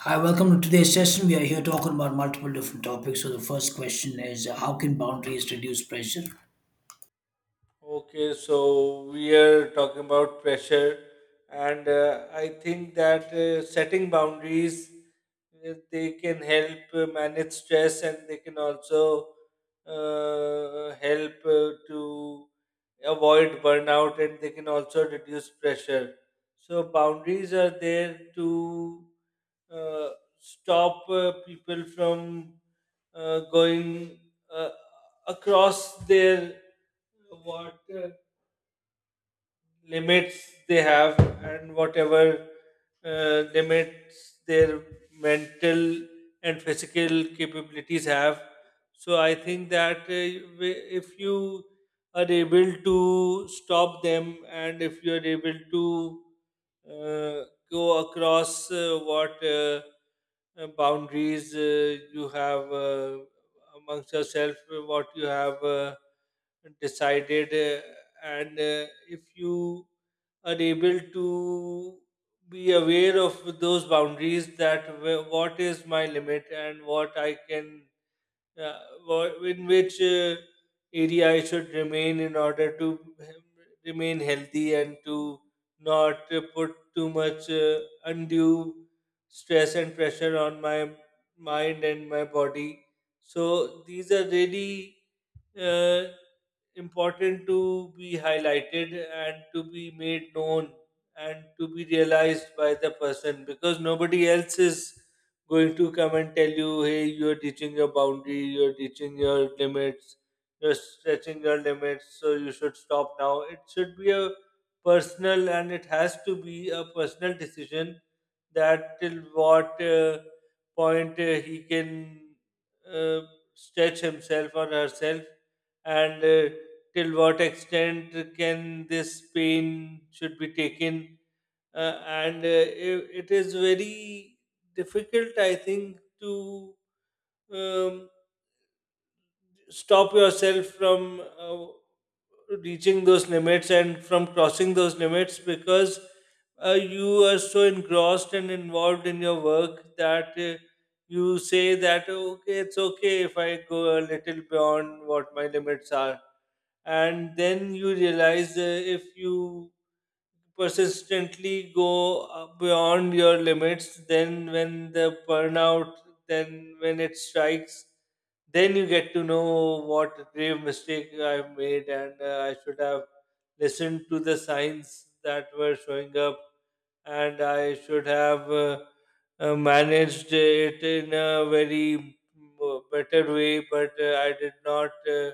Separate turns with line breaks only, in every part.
Hi, welcome to today's session. We are here talking about multiple different topics. So, the first question is how can boundaries reduce pressure?
Okay, so we are talking about pressure, and I think that setting boundaries they can help manage stress, and they can also help to avoid burnout, and they can also reduce pressure. So boundaries are there to uh, stop people from going Uh, across their what limits they have, and whatever limits their mental and physical capabilities have. So I think that if you are able to stop them, and if you are able to uh, go across what boundaries you have amongst yourself, what you have decided, and if you are able to be aware of those boundaries, that what is my limit and what I can uh, in which area I should remain in order to remain healthy and to not put too much undue stress and pressure on my mind and my body. So these are really uh, important to be highlighted and to be made known and to be realized by the person, because nobody else is going to come and tell you, hey, you're teaching your boundary, you're teaching your limits, you're stretching your limits, so you should stop now. It should be a personal, and it has to be a personal decision that till what point he can uh, stretch himself or herself, and till what extent can this pain should be taken. It is very difficult, I think, to um, stop yourself from uh, reaching those limits and from crossing those limits, because you are so engrossed and involved in your work that you say that, okay, it's okay if I go a little beyond what my limits are, and then you realize, if you persistently go beyond your limits, then when the burnout, then when it strikes, then you get to know what grave mistake I've made, and I should have listened to the signs that were showing up, and I should have managed it in a very better way, but I did not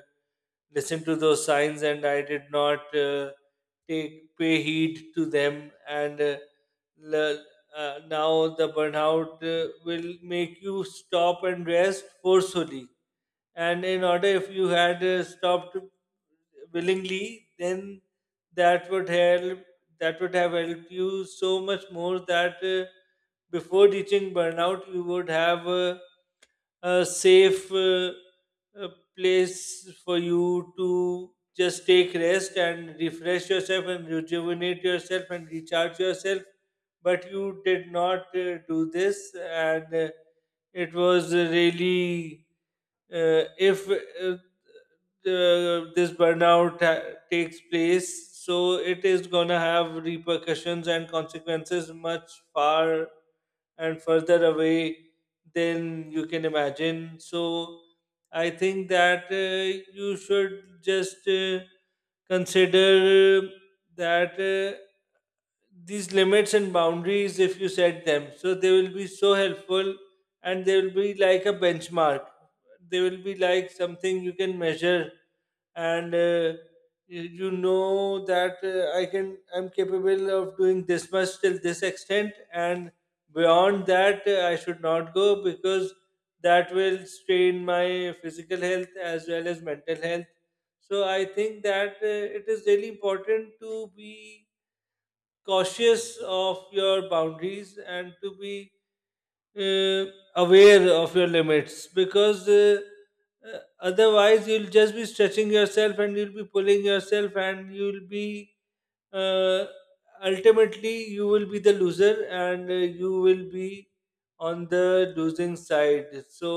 listen to those signs, and I did not take pay heed to them. And le- now the burnout will make you stop and rest forcefully, and in order, if you had stopped willingly, then that would help that would have helped you so much more, that before reaching burnout you would have a safe uh, place for you to just take rest and refresh yourself and rejuvenate yourself and recharge yourself. But you did not do this, and it was really if this burnout takes place, so it is gonna have repercussions and consequences much far and further away than you can imagine. So I think that you should just consider that. These limits and boundaries, if you set them, so they will be so helpful, and they will be like a benchmark, they will be like something you can measure. And you know that I can, I'm capable of doing this much till this extent, and beyond that I should not go, because that will strain my physical health as well as mental health. So I think that it is really important to be cautious of your boundaries and to be uh, aware of your limits, because otherwise you'll just be stretching yourself and you'll be pulling yourself and you'll be uh, ultimately you will be the loser, and you will be on the losing side. So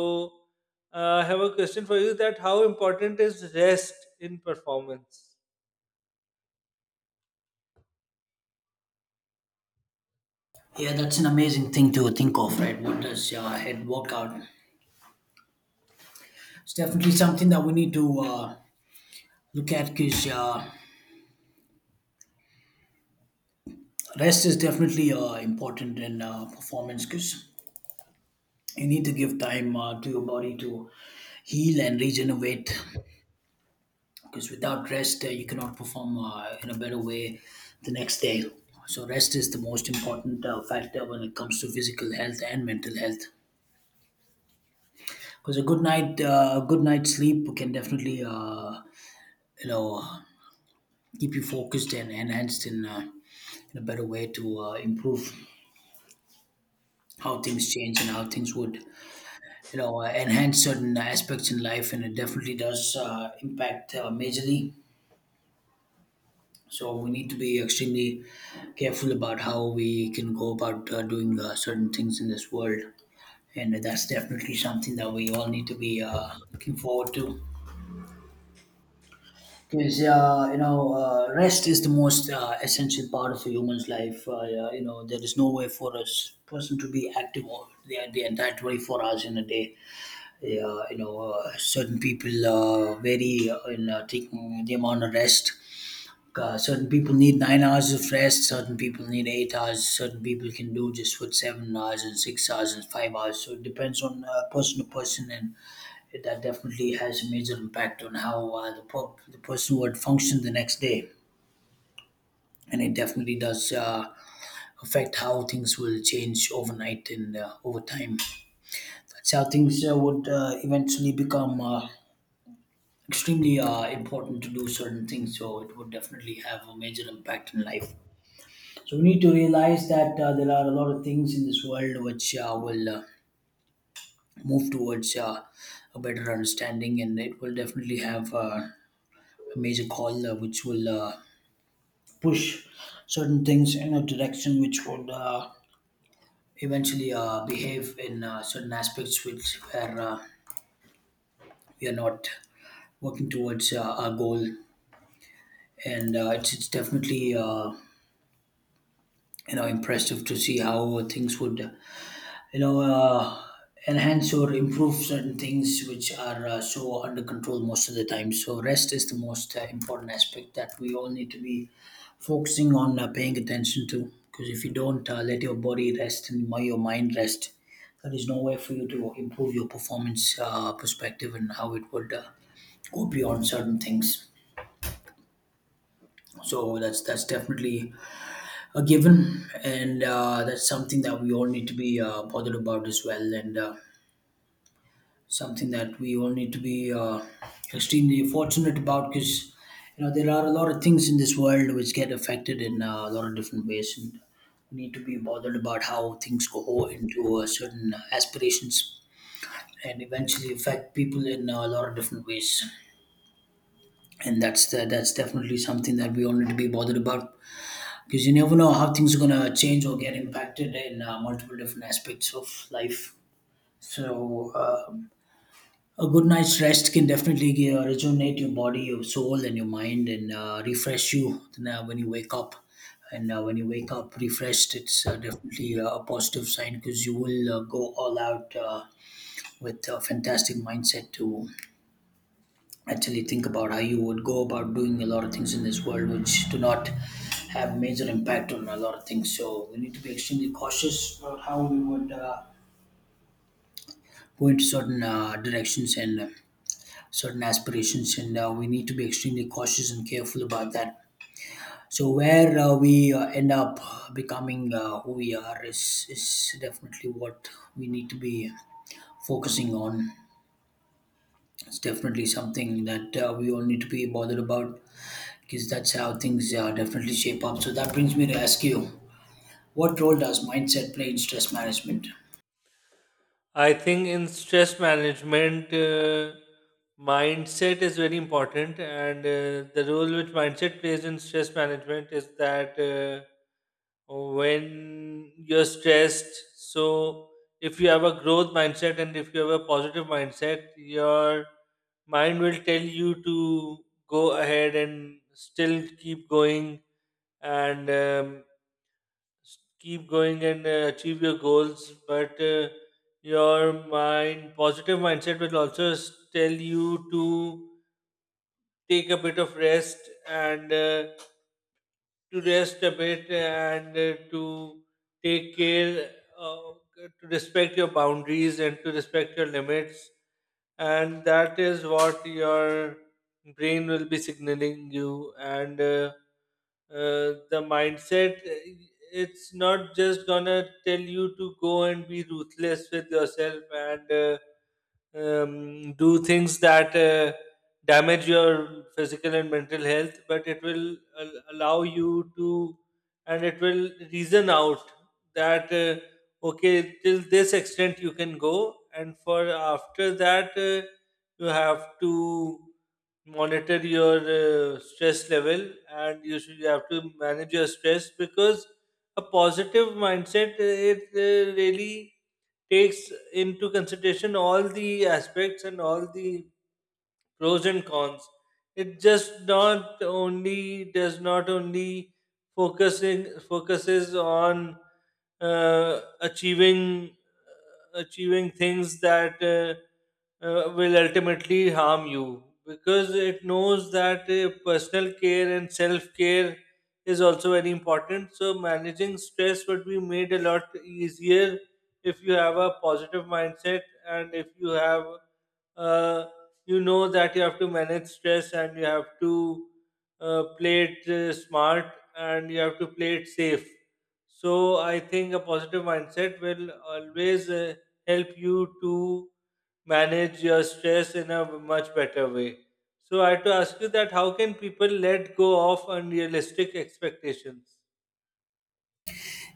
I have a question for you: that how important is rest in performance?
Yeah, that's an amazing thing to think of, right? What does head work out? It's definitely something that we need to look at because rest is definitely important in performance because you need to give time to your body to heal and regenerate because without rest you cannot perform in a better way the next day. So rest is the most important factor when it comes to physical health and mental health because a good night sleep can definitely you know keep you focused and enhanced in a better way to improve how things change and how things would enhance certain aspects in life, and it definitely does impact majorly. So we need to be extremely careful about how we can go about doing certain things in this world, and that's definitely something that we all need to be looking forward to. Because rest is the most essential part of a human's life. Yeah, you know, there is no way for a person to be active all the entire 24 hours in a day. Yeah, you know, certain people vary in taking the amount of rest, certain people need 9 hours of rest, certain people need 8 hours, certain people can do just what 7 hours and 6 hours and 5 hours. So it depends on person to person, and that definitely has a major impact on how the person would function the next day, and it definitely does affect how things will change overnight and over time. That's how things would eventually become extremely important to do certain things, so it would definitely have a major impact in life. So we need to realize that there are a lot of things in this world which will move towards a better understanding, and it will definitely have a major call which will push certain things in a direction which would eventually behave in certain aspects which where we are not working towards our goal, and it's definitely impressive to see how things would you know uh, enhance or improve certain things which are so under control most of the time. So rest is the most important aspect that we all need to be focusing on, paying attention to, because if you don't let your body rest and your mind rest, there is no way for you to improve your performance perspective and how it would go beyond certain things. So that's definitely a given, and that's something that we all need to be bothered about as well, and something that we all need to be extremely fortunate about because you know there are a lot of things in this world which get affected in a lot of different ways, and we need to be bothered about how things go into certain aspirations and eventually affect people in a lot of different ways, and that's definitely something that we all need to be bothered about because you never know how things are going to change or get impacted in multiple different aspects of life. So a good night's rest can definitely rejuvenate your body, your soul, and your mind, and refresh you then, when you wake up. And when you wake up refreshed, it's definitely a positive sign because you will go all out with a fantastic mindset to actually think about how you would go about doing a lot of things in this world which do not have major impact on a lot of things. So we need to be extremely cautious about how we would go into certain directions and certain aspirations, and we need to be extremely cautious and careful about that. So where we end up becoming who we are is definitely what we need to be focusing on. It's definitely something that we all need to be bothered about because that's how things definitely shape up. So that brings me to ask you, what role does mindset play in stress management?
I think in stress management, mindset is very important, and the role which mindset plays in stress management is that, when you're stressed, so if you have a growth mindset and if you have a positive mindset, your mind will tell you to go ahead and still keep going, and keep going and achieve your goals. But your mind positive mindset will also tell you to take a bit of rest, and to rest a bit, and to take care, uh, to respect your boundaries and to respect your limits. And that is what your brain will be signaling you. And the mindset, it's not just gonna tell you to go and be ruthless with yourself and do things that damage your physical and mental health, but it will allow you to, and it will reason out that, okay, till this extent you can go, and for after that, you have to monitor your stress level, and you have to manage your stress, because a positive mindset, it really takes into consideration all the aspects and all the pros and cons. It just not only focusing focuses on uh, achieving achieving things that will ultimately harm you, because it knows that personal care and self care is also very important. So managing stress would be made a lot easier if you have a positive mindset, and if you have a, you know that you have to manage stress, and you have to play it smart, and you have to play it safe. So I think a positive mindset will always help you to manage your stress in a much better way. So I had to ask you that, how can people let go of unrealistic expectations?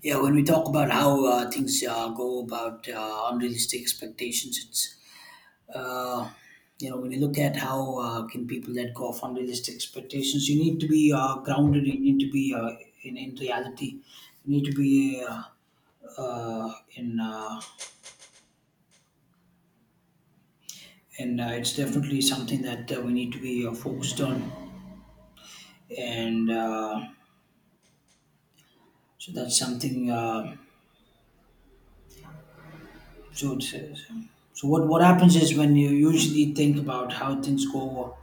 Yeah, when we talk about how things go about unrealistic expectations, it's uh, when you look at how can people let go of unrealistic expectations, you need to be grounded, you need to be in reality, you need to be in and it's definitely something that we need to be focused on, and so that's something so it's, so so what happens is when you usually think about how things go,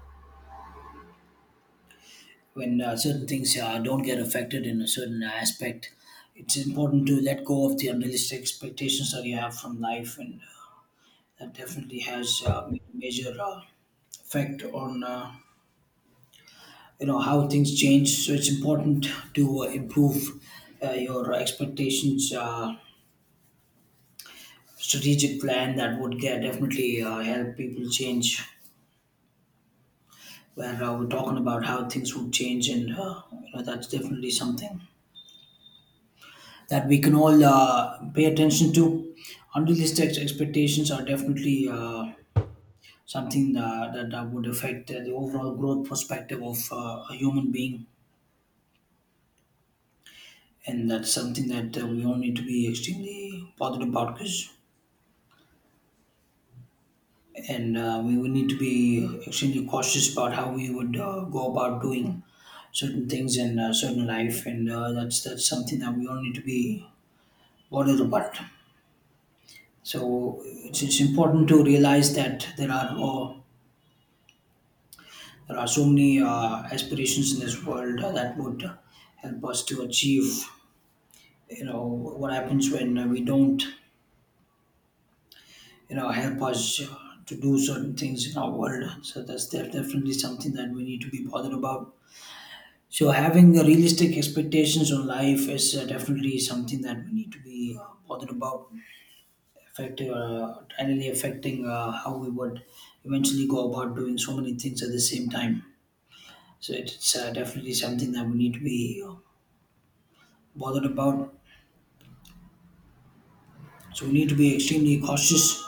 when certain things don't get affected in a certain aspect, it's important to let go of the unrealistic expectations that you have from life, and that definitely has major effect on how things change. So it's important to improve your expectations, strategic plan that would get definitely help people change where we're talking about how things would change, and that's definitely something that we can all pay attention to. Expectations are definitely something that would affect the overall growth perspective of a human being, and that's something that we all need to be extremely bothered about because. And we would need to be extremely cautious about how we would go about doing certain things in certain life, and that's something that we all need to be bothered about. So it's important to realize that there are there are so many aspirations in this world that would help us to achieve. You know what happens when we don't. You know, help us to do certain things in our world. So definitely something that we need to be bothered about. So having the realistic expectations on life is definitely something that we need to be bothered about, affecting, really affecting how we would eventually go about doing so many things at the same time. So it's definitely something that we need to be bothered about. So we need to be extremely cautious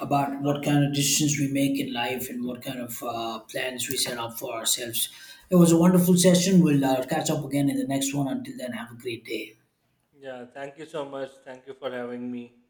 about what kind of decisions we make in life and what kind of plans we set up for ourselves. It was a wonderful session. We'll catch up again in the next one. Until then, have a great day.
Yeah, thank you so much. Thank you for having me.